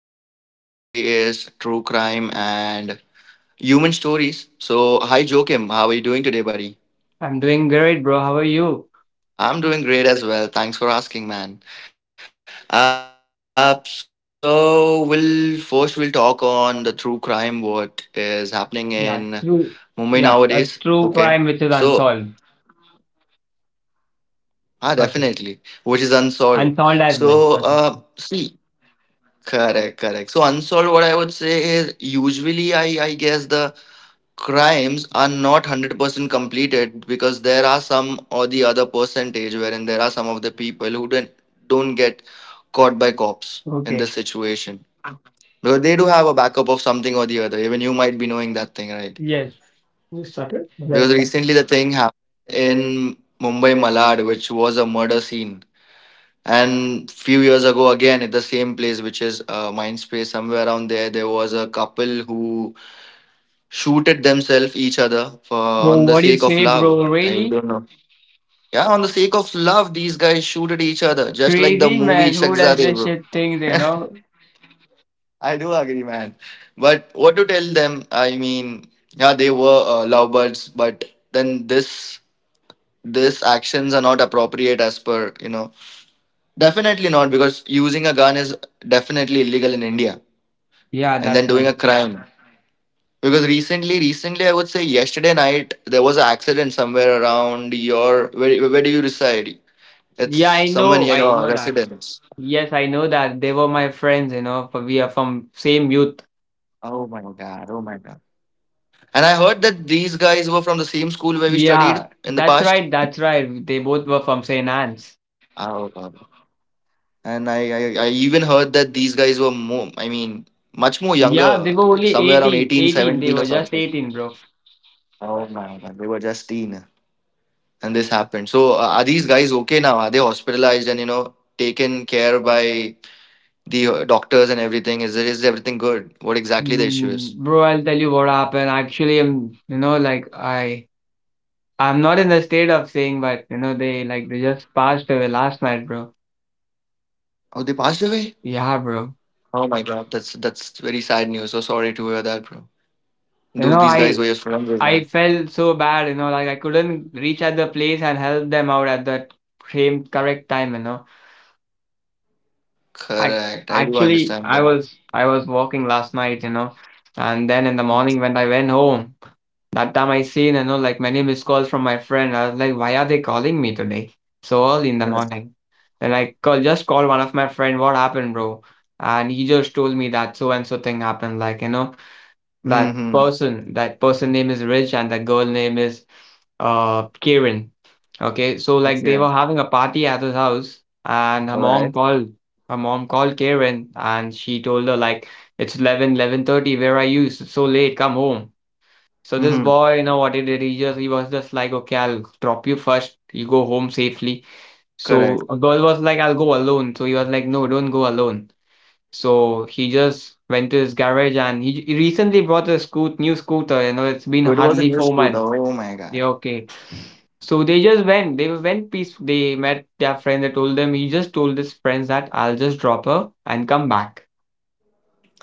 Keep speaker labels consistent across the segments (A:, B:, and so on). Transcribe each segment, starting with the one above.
A: and the topic for today is true crime and human stories. So, hi, Joachim. How are you doing today, buddy?
B: I'm doing great, bro. How are you?
A: I'm doing great as well. Thanks for asking, man. So we'll first we'll talk on the true crime, what is happening
B: Yeah,
A: in
B: true.
A: Mumbai
B: Yeah, a
A: nowadays.
B: true
A: Okay,
B: crime which is
A: so
B: unsolved. Okay.
A: definitely, which is unsolved.
B: Unsolved as well.
A: So,
B: Okay.
A: see, correct. So unsolved, what I would say is usually I guess the crimes are not 100% completed because there are some or the other percentage wherein there are some of the people who don't get caught by cops in
B: Okay.
A: this situation because they do have a backup of something or the other, even you might be knowing that thing, right?
B: Yes. You started? Yes,
A: Because
B: sir.
A: recently the thing happened in Mumbai Malad, which was a murder scene, and few years ago again at the same place, which is Mindspace somewhere around there, there was a couple who shoot at themselves each other for
B: Bro,
A: on the
B: what do you
A: sake of
B: say,
A: love.
B: bro?
A: I
B: Really?
A: don't know. Yeah, on the sake of love, these guys shoot at each other, just like the
B: Crazy
A: movie
B: man. Who does
A: Shakzade,
B: this
A: bro.
B: shit things, you know?
A: I do agree, man. But what to tell them? I mean, yeah, they were lovebirds, but then this actions are not appropriate as per you know. Definitely not, because using a gun is definitely illegal in India,
B: Yeah,
A: and
B: that's
A: then
B: right.
A: doing a crime. Because recently, I would say yesterday night, there was an accident somewhere around your. Where do you reside? It's
B: Yeah, I
A: somewhere
B: know.
A: near
B: I know
A: your
B: that.
A: residence.
B: Yes, I know that. They were my friends, for we are from
A: Oh
B: same
A: my
B: youth.
A: God. Oh my God. And I heard that these guys were from the same school where we studied in the past.
B: Yeah, that's right. That's right. They both were from St.
A: Oh God.
B: Anne's.
A: And I even heard that these guys were more, I mean, much more younger, somewhere
B: Yeah,
A: around
B: they were
A: 18,
B: only
A: 17 or
B: 18.
A: something.
B: 18. They were just 18, bro.
A: Oh my God. They were just teen. And this happened. So, are these guys okay now? Are they hospitalized and you know taken care by the doctors and everything? Is it, is everything good? What exactly the issue is?
B: Bro, I'll tell you what happened. Actually, I'm, you know, like I I'm not in the state of saying, but they like they just passed away last night, bro.
A: Oh, they passed away.
B: Yeah, bro.
A: Oh my god, that's very sad news. So sorry to hear that, bro.
B: You know,
A: Those these
B: I
A: guys were your
B: I
A: friends, man.
B: felt so bad, like I couldn't reach at the place and help them out at that same correct time. I
A: Correct. I do
B: actually
A: understand that.
B: I was walking last night, and then in the morning when I went home. That time I seen, like many missed calls from my friend. I was like, why are they calling me today? So early in the
A: Correct.
B: morning. Then I just called one of my friend, what happened, bro? And he just told me that so and so thing happened. Like, that
A: Hmm.
B: person, that person name is Rich and the girl name is Karen. Okay. So like they were
A: Okay.
B: having a party at his house and her
A: All
B: mom
A: right.
B: called her mom called Karen and she told her like it's 11, 11:30. Where are you? It's so late, come home. So this
A: Mm-hmm.
B: boy, you know what he did? He was just like, "Okay, I'll drop you first. You go home safely." So
A: Correct.
B: a girl was like, "I'll go alone." So he was like, "No, don't go alone." So he just went to his garage and he recently bought a scoot new scooter. You know, it's been
A: So it was a
B: hardly
A: new
B: four
A: scooter.
B: months.
A: Oh my god.
B: Yeah, okay. So they just went. They went peace. They met their friend. They told them. He just told his friends that I'll just drop her and come back.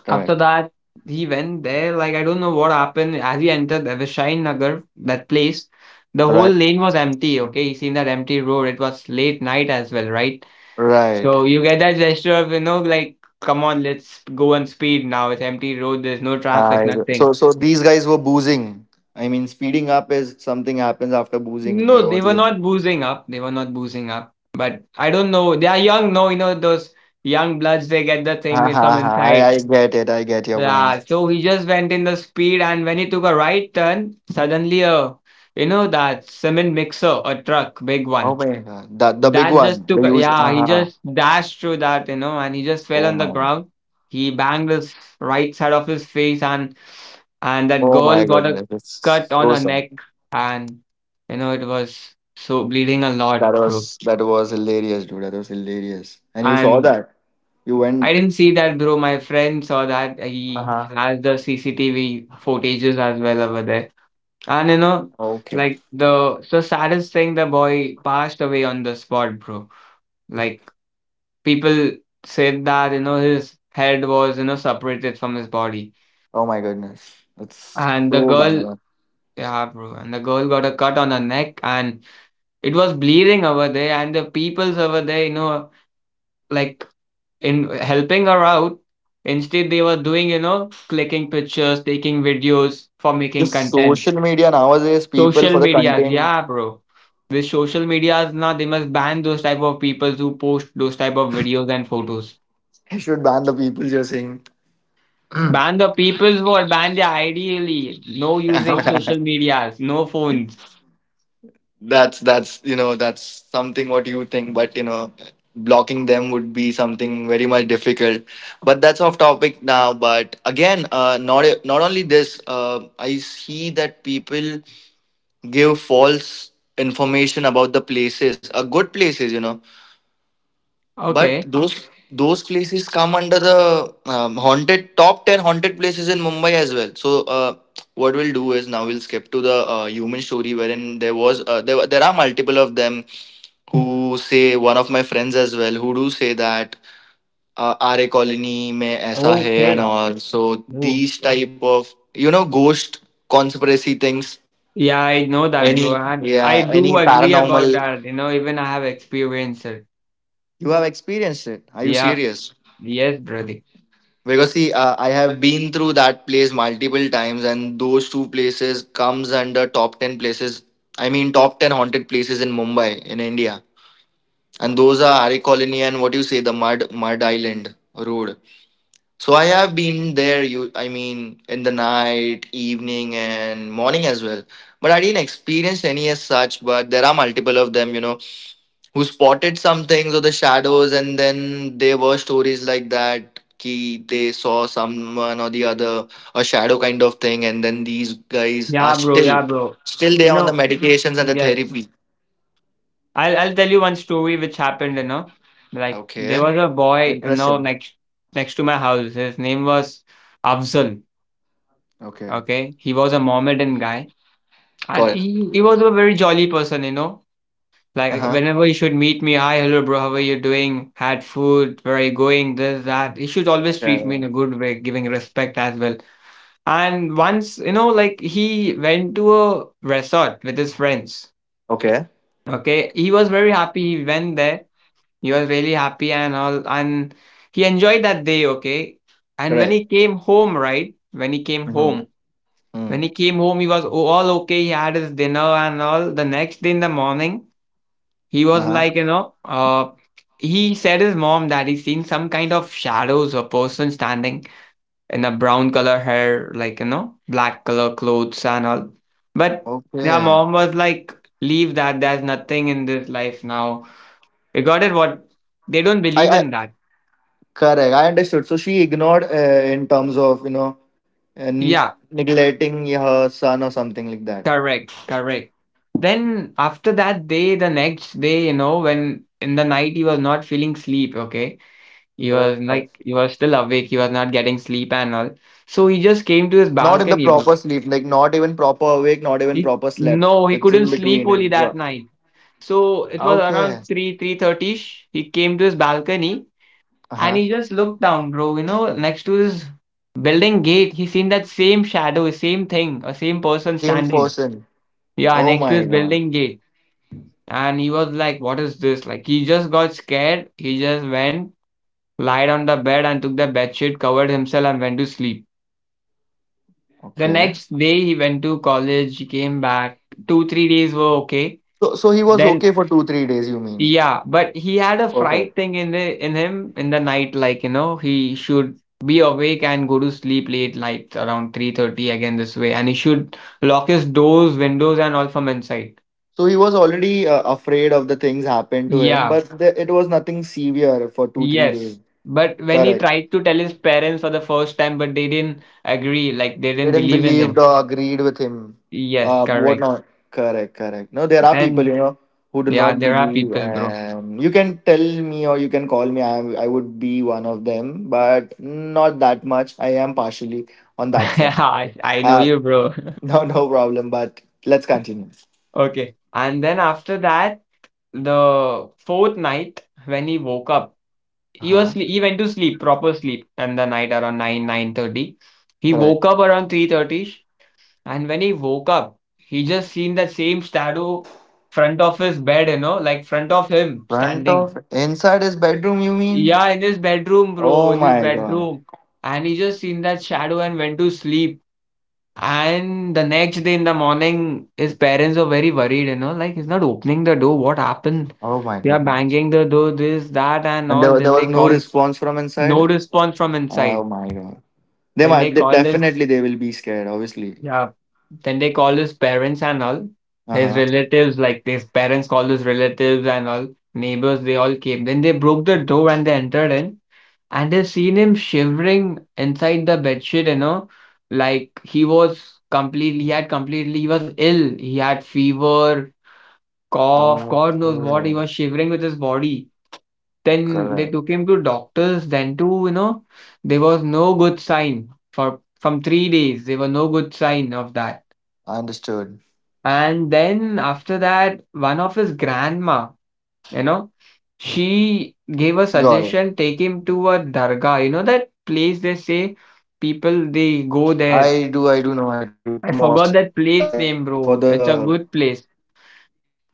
A: Correct.
B: After that, he went there. Like, I don't know what happened. As he entered the Vishayan Nagar, that place, the whole
A: Right.
B: lane was empty. Okay, he seen that empty road. It was late night as well, right?
A: Right.
B: So you get that gesture of, like, come on, let's go on speed now. It's empty road. There's no traffic,
A: So
B: nothing.
A: so these guys were boozing. I mean, speeding up is something happens after boozing. Yeah,
B: No, they
A: what
B: were
A: you?
B: not boozing up. They were not boozing up. But I don't know. They are young, no, those young bloods, they get the thing
A: Ha
B: with
A: ha
B: some
A: ha! I,
B: insight.
A: I get it. I get your
B: Yeah,
A: point.
B: so he just went in the speed, and when he took a right turn, suddenly a you know that cement mixer, a truck, big
A: Oh
B: one,
A: my god! The big
B: that
A: one,
B: just
A: the
B: took a,
A: huge.
B: yeah, he
A: Uh-huh.
B: just dashed through that, and he just fell
A: Oh
B: on
A: my
B: the
A: god!
B: ground. He banged his right side of his face, and that
A: Oh
B: girl
A: my
B: got a
A: goodness!
B: cut
A: It's
B: on
A: so
B: her
A: sad.
B: neck, and it was so bleeding a lot,
A: That
B: bro.
A: was that was hilarious, dude. That was hilarious. And you saw
B: And
A: that. You
B: I
A: went.
B: didn't see that, bro. My friend saw that.
A: Uh
B: He
A: huh.
B: has the CCTV footages as well over there. And
A: Okay.
B: like the so saddest thing, the boy passed away on the spot, bro. Like people said that, his head was, separated from his body.
A: Oh my goodness! That's
B: And the
A: so
B: girl,
A: bad.
B: yeah, bro, and the girl got a cut on her neck and it was bleeding over there. And the peoples over there, like in helping her out, instead they were doing, clicking pictures, taking videos for making
A: Just
B: content.
A: social media nowadays, people
B: Social
A: for the
B: medias,
A: content.
B: yeah, bro. With social medias now, they must ban those type of people who post those type of videos and photos.
A: Should ban the people. You're saying.
B: Ban the people who are banned there ideally. No using social medias, no phones.
A: That's you know that's something what you think, but you know blocking them would be something very much difficult. But that's off topic now. But again, not only this, I see that people give false information about the places, good places, you know. But
B: Okay.
A: those places come under the haunted top ten haunted places in Mumbai as well. So what we'll do is now we'll skip to the human story wherein there was there were- there are multiple of them who say one of my friends as well who do say that, Aare colony mein aisa hai and
B: Okay.
A: all. So
B: Oh.
A: these type of, you know, ghost conspiracy things.
B: Yeah, I know that,
A: Any
B: bro. And I
A: yeah
B: do
A: any
B: agree
A: paranormal.
B: about that. Even I have experienced it.
A: You have experienced it. Are you
B: Yeah.
A: serious?
B: Yes, brother.
A: Because see, I have been through that place multiple times, and those two places comes under top ten places. I mean, top ten haunted places in Mumbai, in India, and those are Hari Colony and what you say, the Mud Island Road. So I have been there. You, I mean, in the night, evening, and morning as well. But I didn't experience any as such. But there are multiple of them, you know, who spotted some things or the shadows, and then there were stories like that ki they saw someone or the other, a shadow kind of thing, and then these guys are
B: Yeah, bro.
A: still
B: Yeah, bro.
A: still they
B: You
A: are on the
B: know,
A: medications and the
B: yes.
A: therapy.
B: I'll tell you one story which happened. Like there
A: Okay,
B: was a boy,
A: interesting.
B: next to my house. His name was Afzal.
A: Okay,
B: Okay. He was a Mohammedan guy.
A: got
B: And
A: it.
B: he was a very jolly person. Like
A: Uh-huh.
B: whenever he should meet me, hi, hello bro, how are you doing? Had food, where are you going? This, that. He should always
A: Yeah,
B: treat me
A: yeah.
B: in a good way, giving respect as well. And once, like he went to a resort with his friends.
A: Okay.
B: Okay. He was very happy. He went there. He was really happy and all, and he enjoyed that day, okay? And when
A: Correct.
B: he came home, right? When he came
A: Uh-huh.
B: home, when
A: Hmm.
B: he came home, he was all okay. He had his dinner and all. The next day in the morning, he was like,
A: Uh-huh.
B: you know, he said his mom that he's seen some kind of shadows or person standing in a brown color hair, like, black color clothes and all. But their mom
A: Okay.
B: was like, leave that, there's nothing in this life now. We got it what they don't
A: i
B: believe
A: i
B: in that.
A: correct, I understood. So she ignored, in terms of, you know, and
B: Yeah,
A: neglecting her son or something like that.
B: correct, correct. Then after that day, the next day, when in the night he was not feeling sleep, okay? He was
A: Correct.
B: like he was still awake, he was not getting sleep and all. So he just came to his
A: Not in the
B: balcony, bro.
A: proper sleep, like not even proper awake, not even
B: He,
A: proper slept.
B: no, he
A: It's
B: couldn't
A: in
B: sleep
A: between.
B: only
A: And
B: that
A: go-
B: night. So it was around
A: okay,
B: 3, 3:30ish. He came to his balcony
A: uh
B: and
A: huh.
B: he just looked down, bro. Next to his building gate, he seen that same shadow, same thing, a same person
A: Same
B: standing.
A: person.
B: Yeah,
A: Oh
B: next to
A: my
B: his
A: god.
B: building gate. And he was like, what is this? Like, he just got scared. He just went lied on the bed and took the bed sheet, covered himself, and went to sleep. The
A: Okay.
B: next day he went to college. He came back. 2, 3 days were okay.
A: So so he was
B: Then,
A: okay for 2 3 days. You mean?
B: yeah, but he had a fright
A: Perfect.
B: thing in him in the night, like, he should be awake and go to sleep late night around 3:30 again this way, and he should lock his doors, windows, and all from inside.
A: So he was already afraid of the things happened to him,
B: Yeah.
A: but the, it was nothing severe for 2 3 days.
B: Yes, but when he
A: Correct.
B: tried to tell his parents for the first time, but they didn't agree, like they didn't
A: Didn't
B: believe in
A: believed
B: him.
A: or agreed with him.
B: Yes,
A: What
B: correct.
A: not? Correct. No, there are people,
B: Then,
A: you know, who do
B: yeah,
A: not
B: there are
A: believe,
B: people, bro.
A: and you can tell me or you can call me. I would be one of them, but not that much. I am partially on that
B: Yeah,
A: side.
B: I know
A: Uh,
B: you, bro.
A: no, no problem. But let's continue.
B: Okay. And then after that, the fourth night when he woke up,
A: Uh
B: he was
A: huh?
B: sle- he went to sleep, proper sleep, and the night around 9, 9:30. He
A: Correct.
B: woke up around 3:30. And when he woke up, he just seen that same shadow front of his bed, like front of him
A: Front
B: standing.
A: of inside his bedroom. You mean?
B: Yeah, in his bedroom, bro,
A: Oh
B: in his
A: my god.
B: bedroom. And he just seen that shadow and went to sleep. And the next day in the morning, his parents were very worried, like he's not opening the door. What happened?
A: Oh my
B: They are
A: goodness.
B: banging the door, this, that, and
A: And
B: all.
A: there
B: Then
A: was
B: they
A: no
B: call,
A: response from
B: no
A: inside.
B: response from
A: Oh
B: inside.
A: my god. They
B: Then they
A: might they,
B: called his.
A: definitely they will be scared, obviously.
B: Yeah. Then they call his parents and all. His
A: Uh-huh.
B: relatives, like his parents called his relatives and all, neighbors, they all came. Then they broke the door and they entered in. And they seen him shivering inside the bedsheet. Like he was ill. He had fever, cough, God knows what. He
A: Okay.
B: was shivering with his body. Then they
A: Correct.
B: took him to doctors. Then too, there was no good sign for from 3 days. There were no good sign of that.
A: Understood.
B: And then after that, one of his grandma, you know,
A: Got it.
B: she gave a suggestion, take him to a dargah. You know that place they say
A: I do, I
B: people
A: do know,
B: they
A: I do.
B: go
A: The
B: there.
A: mosque. Correct, correct. For
B: I
A: the
B: forgot that place name, bro. It's a good place.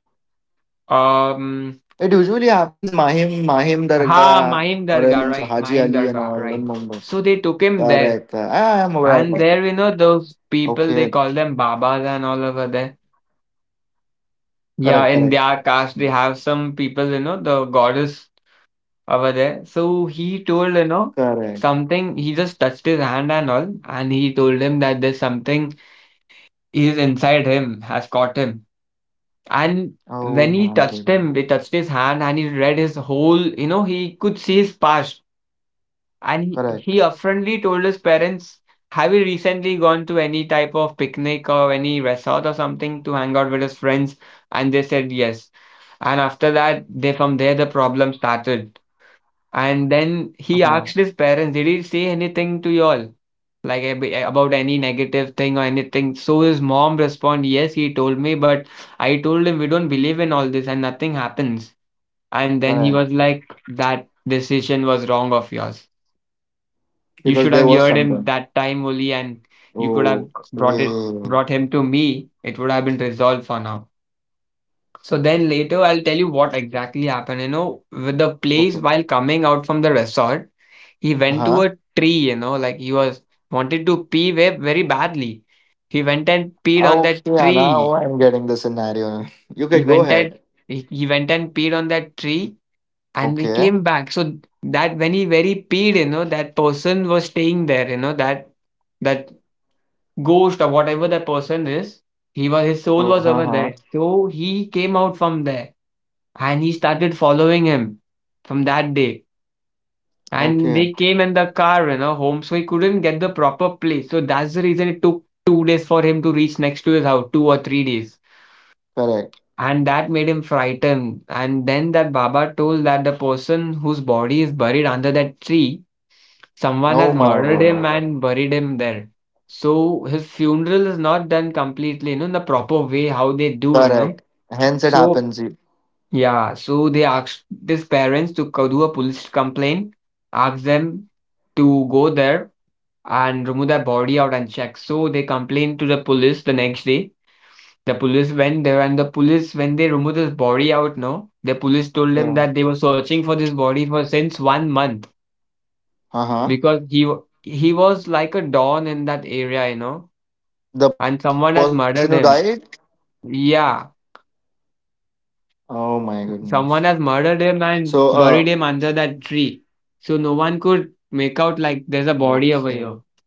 A: it usually happens in Mahim,
B: Um,
A: Mahim Dargah, or else Haji Ali and all
B: Maim
A: in
B: Dargah,
A: Mumbai.
B: right? Maim Dargah,
A: Correct, correct.
B: right?
A: I
B: So
A: am
B: they
A: aware
B: took
A: of it.
B: him there, and
A: Okay.
B: there, those people they call them Babas and all over there.
A: Correct, correct,
B: Yeah, in their caste, they have some people, the goddess over there. So he told,
A: correct.
B: something, he just touched his hand and all, and he told him that there's something is inside him, has caught him.
A: Oh
B: And
A: my
B: when he
A: goodness.
B: touched him, he touched his hand and he read his whole, you know, he could see his past. And
A: Correct.
B: he upfrontly told his parents, Have you recently gone to any type of picnic or any resort or something to hang out with his friends? And they said yes. And after that, they from there the problem started. And then he
A: Uh-huh.
B: asked his parents, "Did he say anything to y'all? Like about any negative thing or anything?" So his mom responded, "Yes, he told me, but I told him we don't believe in all this and nothing happens." And then
A: Correct.
B: he was like, "That decision was wrong of yours. You
A: Because
B: should
A: there
B: have
A: was
B: heard him
A: something.
B: that time only, and you could have brought it
A: Okay.
B: brought him to me. It would have been resolved for now." So then later I'll tell you what exactly happened. You know, with the place
A: Okay.
B: while coming out from the resort, he went to
A: Uh-huh.
B: a tree, you know, like he was wanted to pee very badly. He went and peed on that
A: Okay, now
B: tree.
A: I'm getting the scenario. You
B: He
A: can go
B: went and
A: ahead.
B: he went and peed on that tree and we
A: Okay.
B: came back. So that when he very peed, you know, that person was staying there, you know, that ghost or whatever that person is, he was his soul
A: Oh,
B: was
A: huh,
B: over
A: huh.
B: there. So he came out from there and he started following him from that day. And
A: Okay.
B: they came in the car, you know, home, so he couldn't get the proper place. So that's the reason it took 2 days for him to reach next to his house, 2 or 3 days.
A: Correct.
B: And that made him frightened. And then that Baba told that the person whose body is buried under that tree, someone
A: Oh
B: has
A: my
B: murdered him
A: God.
B: and buried him there. So his funeral is not done completely, you know, in the proper way, how they do, you know.
A: Correct. Hence it
B: So
A: happens. Y-
B: yeah, so they asked these parents to do a police complaint, ask them to go there and remove their body out and check. So they complained to the police the next day. The police went there and the police, when they removed his body out, no, the police told them that they were
A: Yeah.
B: searching for this body for since 1 month because
A: Uh huh.
B: he was like a don in that area, you know, and someone has
A: The
B: murdered
A: person who
B: him.
A: died.
B: Yeah,
A: Oh my
B: someone
A: goodness.
B: has murdered him and
A: So
B: buried
A: uh.
B: him under that tree. So no one could make out like there's a body over here.
A: Okay.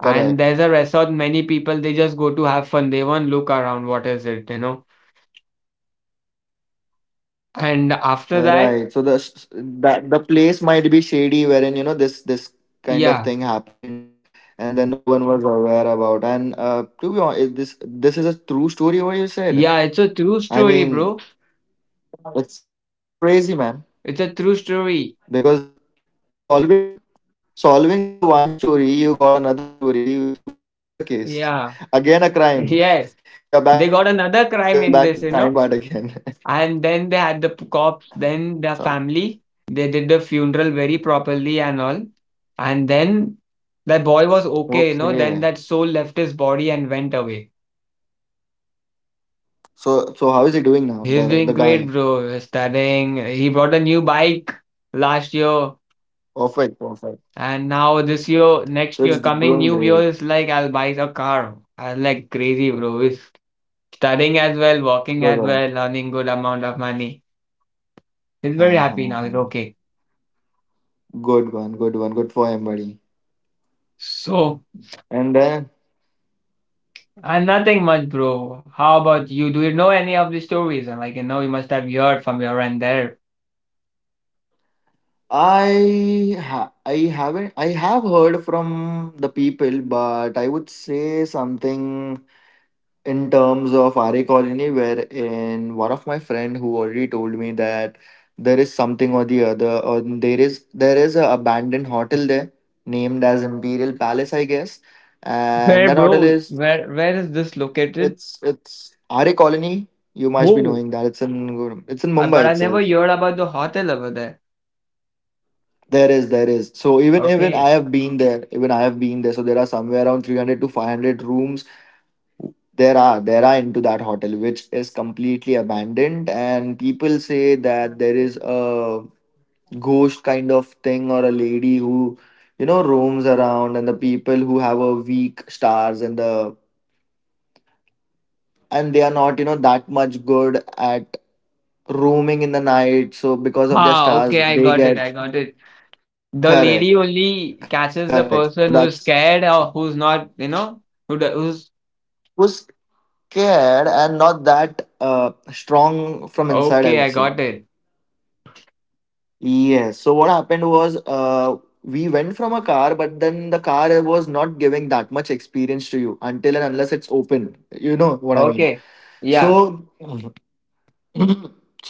B: And there's a
A: Correct.
B: resort, many people they just go to have fun. They won't look around what is it, you know. And after that,
A: Right. So the s- that the place might be shady, wherein you know this this
B: yeah.
A: kind of thing happened, and then no one was aware about. And to be honest, this is a true story. What you said.
B: Yeah, it's a true
A: I
B: story,
A: mean.
B: bro.
A: It's so crazy, man.
B: It's a true story.
A: Because solving solving for the one story, you got another story which was a murder case. Again
B: Yeah.
A: a crime. You're
B: Yes.
A: back to the crimes,
B: They got
A: we are
B: another
A: back to the
B: crime in
A: crime part
B: this, you
A: again.
B: know. And then they had the p corpse,
A: Sorry.
B: then the family, they did the funeral very properly and all. And then that boy was okay, you know,
A: Okay.
B: then that soul left his body and went away.
A: So so how is he doing now?
B: He's
A: The
B: doing
A: guy.
B: great, bro. Studying. He bought a new bike last year.
A: Perfect, perfect.
B: And now this year,
A: So it's
B: next year,
A: doing
B: coming new
A: great.
B: year is like I'll buy a car. I'm like crazy, bro. He's studying as well, working
A: Good
B: as
A: one.
B: well, earning good amount of money. He's very happy
A: Uh-huh,
B: now. He's
A: uh-huh.
B: okay.
A: Good one, good one. Good for him, buddy.
B: So
A: And then
B: and nothing much, bro. How about you? Do you know any of the stories? And like, you know, you must have heard from your end there.
A: I ha- I haven't I have heard from the people, but I would say something in terms of RA Colony, wherein one of my friend who already told me that there is something or the other, or there is a abandoned hotel there named as Imperial Palace, I guess, and
B: Where,
A: that hotel
B: bro?
A: is
B: Where is this located?
A: it's RA Colony. You must be
B: Whoa.
A: knowing that it's in
B: But
A: Mumbai
B: I never
A: itself.
B: heard about the hotel over there.
A: There is, there is. So even
B: Okay.
A: I have been there. Even I have been there. So there are somewhere around 300 to 500 rooms. There are into that hotel, which is completely abandoned, and people say that there is a ghost kind of thing or a lady who, you know, roams around, and the people who have a weak stars and the and they are not, you know, that much good at roaming in the night. So because of their
B: Ah,
A: stars,
B: okay, I
A: they
B: got it.
A: get
B: I got it. The lady
A: correct, correct.
B: only
A: So
B: catches
A: that's
B: the person who's scared or who's not, you know, who's
A: scared and not that strong from
B: okay. I
A: inside, I would
B: got
A: say.
B: it.
A: Yes. So what happened was we went from a car, but then the car was not giving that much experience to you until and unless it's open. You know
B: Okay,
A: what I mean.
B: yeah,
A: So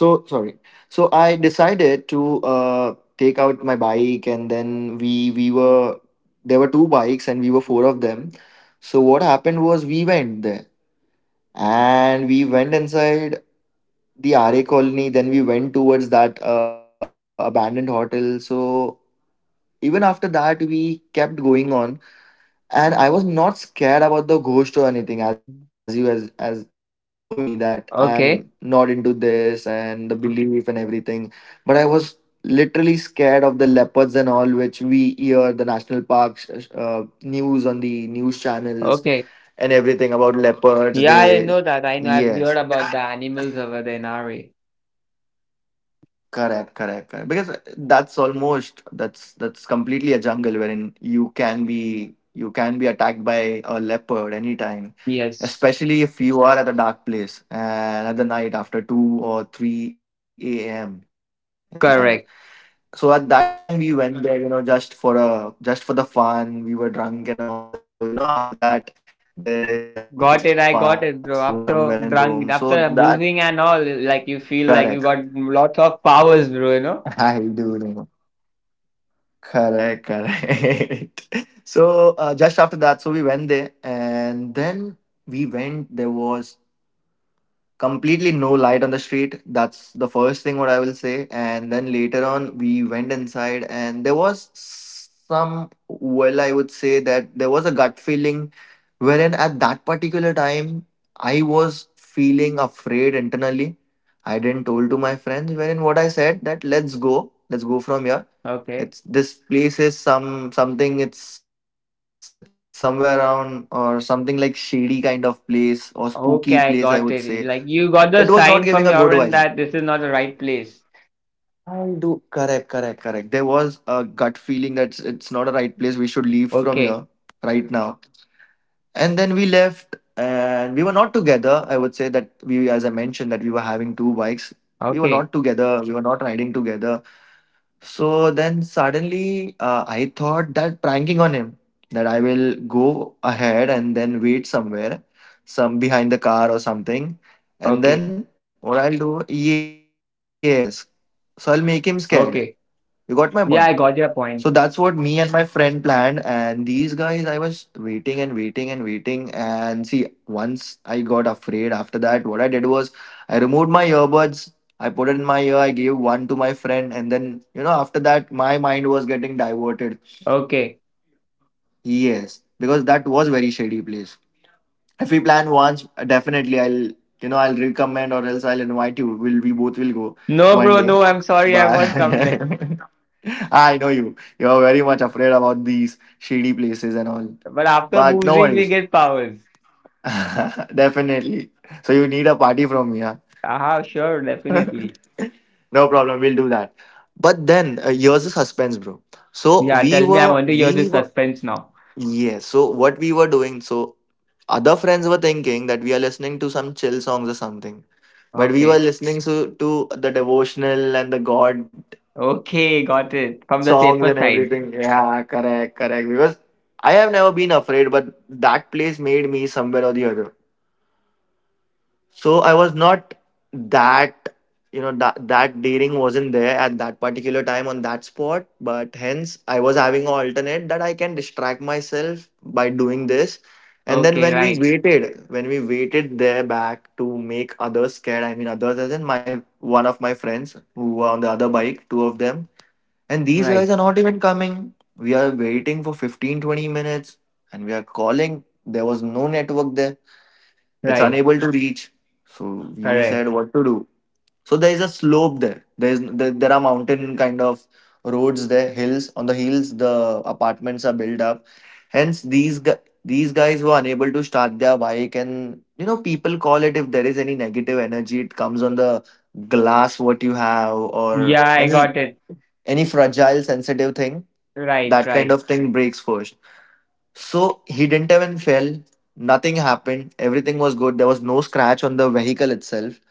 A: so sorry. So I decided to take out my bike, and then we were there were two bikes, and we were four of them. So what happened was we went there and we went inside the RA colony. Then we went towards that abandoned hotel. So even after that, we kept going on, and I was not scared about the ghost or anything. As you know me, that
B: okay,
A: I'm not into this and the belief and everything. But I was literally scared of the leopards and all, which we hear the national parks news on the news channels
B: okay.
A: and everything about leopards.
B: Yeah, I
A: They
B: know that. I know. I've heard
A: yes
B: about the animals over there in Nari.
A: correct, correct, correct. Because that's almost that's completely a jungle wherein you can be attacked by a leopard anytime,
B: Yes.
A: especially if you are at a dark place and at the night after two or three a.m. in the night.
B: Correct.
A: So at that time we went there, just for the fun. We were drunk and all. So after that there is that let's have
B: Got it. I
A: fun,
B: got
A: let's
B: it,
A: go
B: bro.
A: somewhere and
B: After
A: roam. So
B: drunk,
A: that.
B: after boozing and all, like you
A: Correct.
B: feel like you got lots of powers, bro, you
A: I
B: know?
A: do know. Correct, correct. So just after that, so we went there, and then we went. There was completely no light on the street. That's the first thing what I will say. And then later on, we went inside, and there was some. Well, I would say that there was a gut feeling wherein at that particular time I was feeling afraid internally. I didn't told to my friends wherein what I said that let's go from here.
B: Okay.
A: It's, this place is some, something. It's somewhere around, or something like shady kind of place or spooky place. I would
B: Okay, I
A: say
B: got it. Like
A: it was
B: you
A: not
B: got
A: giving
B: the
A: a good
B: sign from
A: vibe.
B: your end that this is not the right place.
A: I do. Correct, correct, correct. There was a gut feeling that it's not a right place. We should leave from
B: Okay.
A: here right now. And then we left, and we were not together. I would say that we, as I mentioned, that we were having two bikes. We were
B: Okay.
A: not together. We were not riding together. So then suddenly I thought that pranking on him, that I will go ahead and then wait somewhere, some behind the car or something. And
B: Okay.
A: then what I'll do, yes. So I'll make him scared. You got my
B: Okay.
A: point? So
B: Yeah, I
A: that's
B: got your
A: what me
B: point.
A: and my friend planned. And these guys, I was waiting and waiting and waiting. And see, once I got afraid after that, what I did was I removed my earbuds. I put it in my ear. I gave one to my friend. And then, after that, my mind was getting diverted.
B: Okay.
A: Yes, because that was very shady place. If we plan once, definitely I'll you know I'll recommend, or else I'll invite you. Will we both will go
B: No,
A: one
B: bro, no,
A: day?
B: I'm sorry, I
A: But
B: won't come next.
A: I know you. You're very much afraid about these shady places and all.
B: But after
A: But no
B: boozing, we
A: worries.
B: get powers.
A: Definitely. So you need a party from me, huh?
B: Aha, sure, definitely.
A: No problem. We'll do that. But then here's the suspense, bro. So
B: Yeah,
A: we
B: tell me, I
A: were
B: want to hear
A: we
B: the
A: were
B: suspense now.
A: Yes. So what we were doing, so other friends were thinking that we are listening to some chill songs or something, but we were
B: Okay.
A: listening to the devotional and the God
B: Okay, got it. From the
A: songs
B: safer
A: and
B: side.
A: everything. Yeah, correct, correct. Because I have never been afraid, but that place made me somewhere or the other. So I was not that. That daring wasn't there at that particular time on that spot. But hence I was having an alternate that I can distract myself by doing this. And then
B: Okay,
A: when we
B: right,
A: waited when we waited there, back to make others scared. I mean others, as in my one of my friends who were on the other bike, two of them. And these
B: right,
A: guys are not even coming. We are waiting for 15-20 minutes, and we are calling. There was no network there. It's
B: right,
A: unable to reach. So we
B: correct.
A: said, what to do? So there is a slope there. There are mountain kind of roads there, hills. On the hills the apartments are built up. Hence these guys were unable to start their bike. And people call it, if there is any negative energy, it comes on the glass what you have, or
B: Yeah, I
A: any
B: got it.
A: any fragile, sensitive thing.
B: Right,
A: That kind
B: right.
A: of thing breaks first. So he didn't even fell. Nothing happened. Everything was good. There was no scratch on the vehicle itself.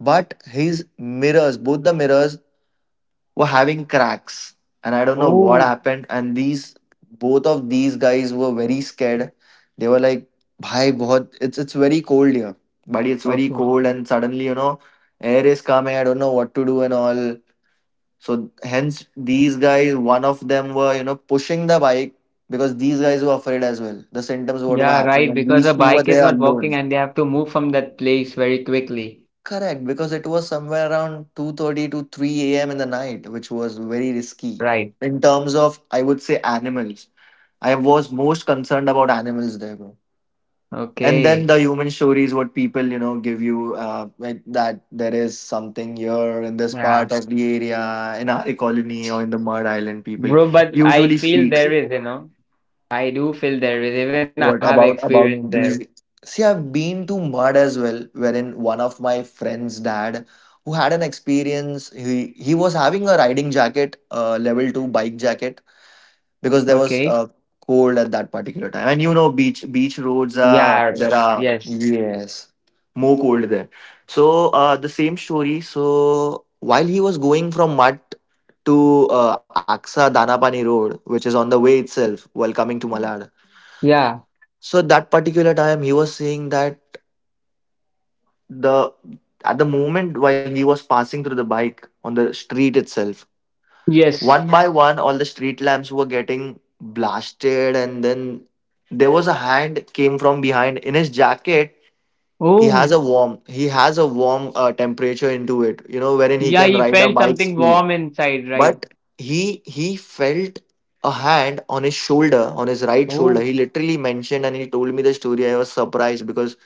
A: But his mirrors, both the mirrors, were having cracks. And I don't know what
B: Oh,
A: happened. And these, both of these guys were very scared. They were like, Bhai, bahut, it's very cold here. Buddy, it's very
B: okay.
A: cold, and suddenly, air is coming. I don't know what to do and all. So hence these guys, one of them were, pushing the bike, because these guys were afraid as well. The symptoms what were
B: Yeah,
A: happening,
B: right,
A: and
B: because the
A: these two were
B: bike is
A: there
B: not
A: alone.
B: working and they have to move from that place very quickly.
A: Correct, because it was somewhere around 2:30 to 3 a.m. in the night, which was very risky.
B: Right.
A: In terms of, I would say, animals. I was most concerned about animals there, bro. And then
B: Okay.
A: the human stories what people give you, like that there is something here in this
B: Yeah.
A: part of the area, in our colony, or in the Mud Island people
B: Bro, but I
A: usually
B: feel
A: speaks.
B: there is, you know. I do feel there is. Even I have
A: What about
B: experience
A: about
B: there.
A: these? See, I've been to Mud as well, wherein one of my friend's dad, who had an experience, he was having a riding jacket, level 2 bike jacket, because there was
B: Okay.
A: a cold at that particular time. And beach roads are
B: Yeah,
A: there, are,
B: yes.
A: yes, more cold there. So the same story, so while he was going from Mud to Aksa Danapani Road, which is on the way itself while coming to Malad,
B: Yeah.
A: so at that particular time he was saying that, the at the moment while he was passing through the bike on the street itself,
B: Yes.
A: One by one, all the street lamps were getting blasted, and then there was a hand came from behind in his jacket. He has a
B: Oh,
A: warm, he has a warm temperature into it, wherein he
B: yeah,
A: can
B: he
A: ride a
B: felt
A: bike
B: something
A: speed.
B: warm inside, right?
A: But he felt a hand on his shoulder, on his right shoulder.
B: Oh,
A: He literally mentioned, and he told me the story. I was surprised because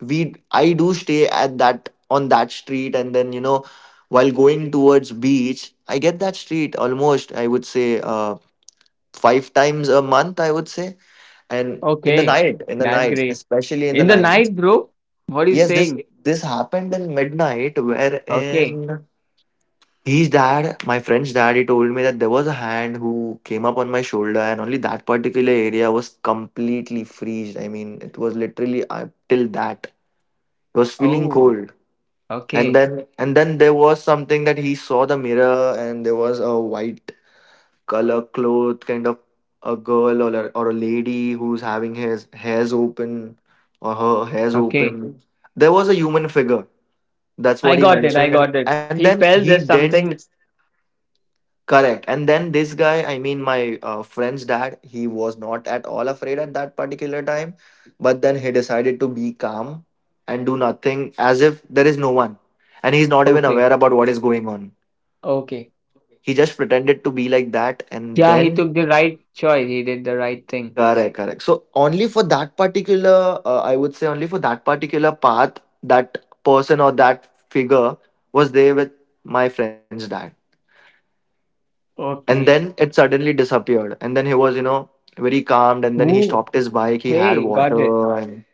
A: we I do stay at that on that street. And then while going towards beach, I get that street almost, I would say, 5 times a month, I would say. And in the
B: okay,
A: night, in the
B: that's
A: night,
B: great.
A: especially in the
B: In the
A: night,
B: night, bro? What are you
A: yes, this
B: saying?
A: this happened in midnight,
B: Okay.
A: wherein his dad, my friend's dad, he told me that there was a hand who came up on my shoulder. And only that particular area was completely freezed. I mean, it was literally up till that, it was feeling
B: Oh,
A: cold. and
B: okay.
A: then and then there was something, that he saw the mirror, and there was a white color cloth kind of, a girl, or a lady who's having his hairs open, or her hairs
B: Okay.
A: open. There was a human figure, that's
B: I
A: what he
B: got it. I
A: mentioned.
B: got
A: And
B: it.
A: then
B: He
A: he
B: felt there's
A: didn't.
B: something.
A: Correct. And then this guy, I mean my, friend's dad, he was not at all afraid at that particular time. But then he decided to be calm and do nothing, as if there is no one, and he's not even
B: Okay.
A: aware about what is going on.
B: Okay.
A: He just pretended to be like that, and
B: Yeah, he
A: then.
B: took the right choice. He did the right thing.
A: Correct, correct. So only for that particular, I would say, only for that particular path, that person or that figure was there with my friend's dad.
B: Okay.
A: And then it suddenly disappeared. And then he was, very calmed. And
B: Woo.
A: then he stopped his bike. He
B: Hey,
A: had
B: got it.
A: water and.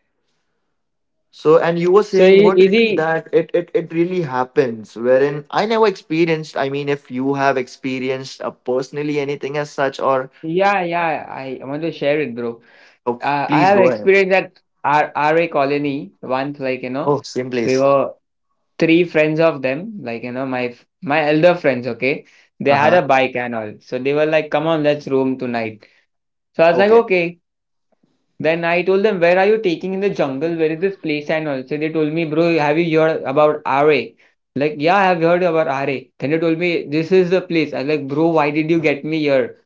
A: So, and you
B: So,
A: were saying
B: is
A: what,
B: he?
A: that it really happens, wherein I never experienced. I mean, if you have experienced, personally, anything as such, or.
B: Yeah, yeah. I want to share it, bro.
A: Oh,
B: I
A: please
B: have
A: go ahead.
B: experienced that our RA colony once, like, you know,
A: Oh, same
B: we
A: place.
B: were three friends of them, like, you know, my my elder friends, okay? They had
A: Uh-huh.
B: a bike and all. So they were like, come on, let's roam tonight. So I was like,
A: Okay.
B: okay. Then I told them, where are you taking in the jungle? Where is this place and all? So they told me, bro, have you heard about RA? Like, yeah, I have heard about RA. Then they told me, this is the place. I was like, bro, why did you get me here?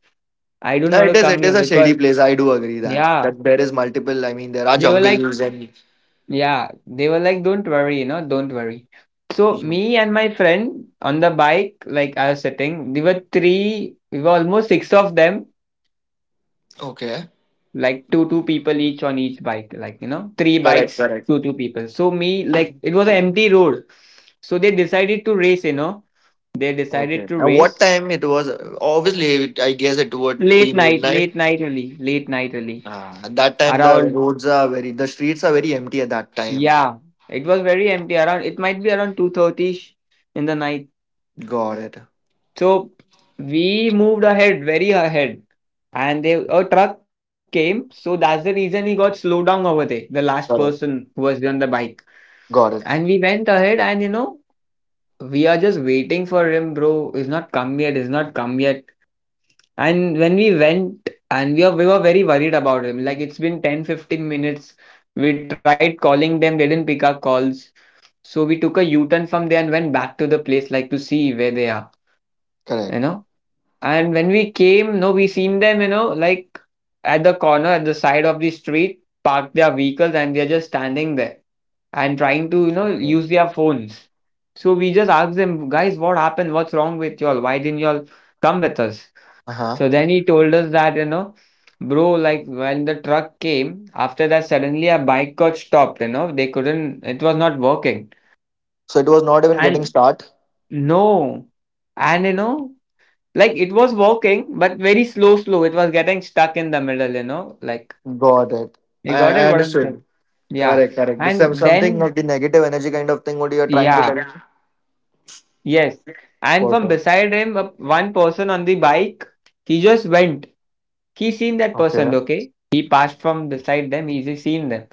B: I don't
A: Yeah,
B: want to
A: it is
B: come
A: it
B: here
A: is a shady
B: because,
A: place. I do agree that.
B: yeah.
A: That there is multiple, I mean there are
B: They were like,
A: jungles and.
B: yeah, they were like, "Don't worry, you know, don't worry." So
A: Mhm.
B: me and my friend on the bike, like I was sitting, there were three, we were almost six of them,
A: Okay.
B: like two two people each on each bike, like you know, three
A: Correct,
B: bikes,
A: correct.
B: two two people. So me, like it was an empty road, so they decided to race, you know, they decided
A: Okay.
B: to
A: And what
B: race
A: time it was? Obviously, I guess it would be midnight.
B: late night only,
A: Ah, at that time
B: around
A: the streets are very empty at that time.
B: yeah, it was very empty around. It might be around 2:30 in the night.
A: Got it.
B: So we moved ahead, very ahead. And they a truck came, so that's the reason he got slowed down over there, the last person
A: Correct.
B: who was on the bike.
A: Got it.
B: And we went ahead and you know, we are just waiting for him, bro. He's not come yet, he's not come yet. And when we went and we were very worried about him. Like
A: Mm.
B: it's been 10-15 minutes. We tried calling them, they didn't pick our calls. So we took a U-turn from there and went back to the place like to see where they are,
A: Correct.
B: you know. And when we came, no, we seen them, you know, like at the corner, at the side of the street, park their vehicles and they're just standing there and trying to, you know,
A: Okay.
B: use their phones. So we just asked them, guys, what happened? What's wrong with y'all? Why didn't y'all come with us?
A: Uh-huh.
B: So then he told us that, you know, bro, like when the truck came, after that, suddenly a bike got stopped, you know, they couldn't, it was not working.
A: So it was not even getting
B: And
A: start.
B: no, and you know, like it was working, but very slow, slow. It was getting stuck in the middle, you know. Like
A: Got it. I
B: you got
A: I
B: it, what I'm saying?
A: understood.
B: Yeah.
A: Correct, correct. The some
B: And
A: Something
B: then,
A: of the negative energy kind of thing. What you are trying to
B: yeah,
A: tell me?
B: yes. And from
A: Perfect.
B: beside him, one person on the bike, he just went. He seen that
A: Okay.
B: person, okay? He passed from beside them. He just seen them.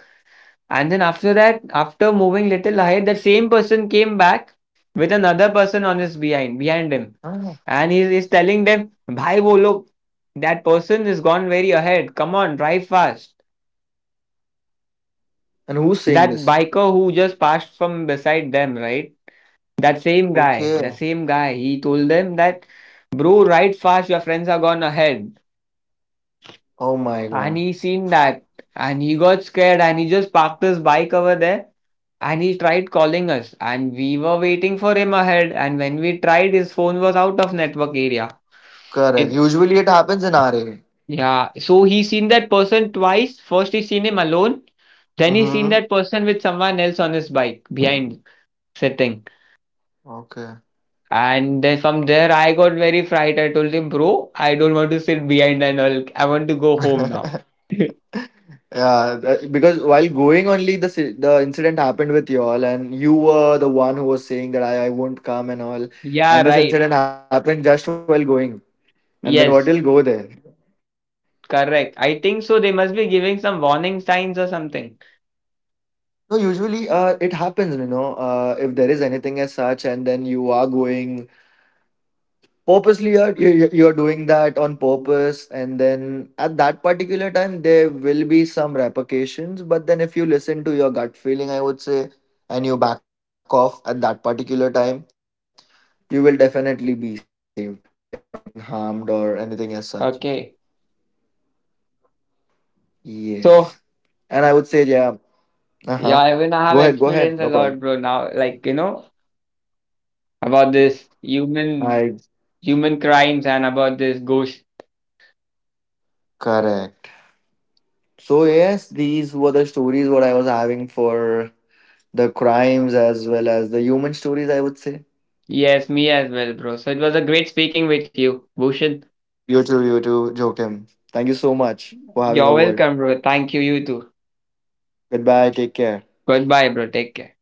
B: And then after that, after moving little ahead, the same person came back with another
A: Ah.
B: person on his behind him. And he is telling them, Bhai, wo log, that person is gone very ahead. Come on, drive fast.
A: And who's saying this?
B: That biker who just passed from beside them, right? That same
A: Okay.
B: guy, the same guy, he told them that, bro, ride fast, your friends are gone ahead.
A: Oh my god.
B: And he seen that. And he got scared and he just parked his bike over there and he tried calling us. And we were waiting for him ahead. And when we tried, his phone was out of network area.
A: Correct.
B: It,
A: Usually it happens in our area.
B: yeah, so he's seen that person twice. First, he's seen him alone. Then he's seen
A: Mm-hmm.
B: that person with someone else on his bike behind sitting.
A: Okay.
B: And then from there, I got very frightened. I told him, bro, I don't want to sit behind and all. I want to go home now.
A: Yeah, because while going only, the incident happened with you all, and you were the one who was saying that I won't come and all,
B: Yeah,
A: and this
B: right.
A: incident happened just while going. And then,
B: Yes,
A: what will go there?
B: correct. I think so. They must be giving some warning signs or something.
A: No, usually it happens, if there is anything as such, and then you are going purposely. You're doing that on purpose, and then at that particular time, there will be some repercussions. But then, if you listen to your gut feeling, I would say, and you back off at that particular time, you will definitely be saved by, getting harmed or anything as such.
B: Okay.
A: Yes.
B: So,
A: And I would say, yeah, uh huh.
B: yeah,
A: Go
B: even I have
A: ahead, no problem.
B: experienced a lot, bro, now, like, you know, about this
A: I
B: human crimes and about this ghost.
A: Correct. So yes, these were the stories what I was having for the crimes as well as the human stories, I would say.
B: Yes, me as well, bro. So it was a great speaking with you, Bhushan.
A: You too, Joachim. Thank you so much for having a
B: You're
A: word.
B: welcome, bro. Thank you, you too.
A: Goodbye, take care.
B: Goodbye, bro. Take care.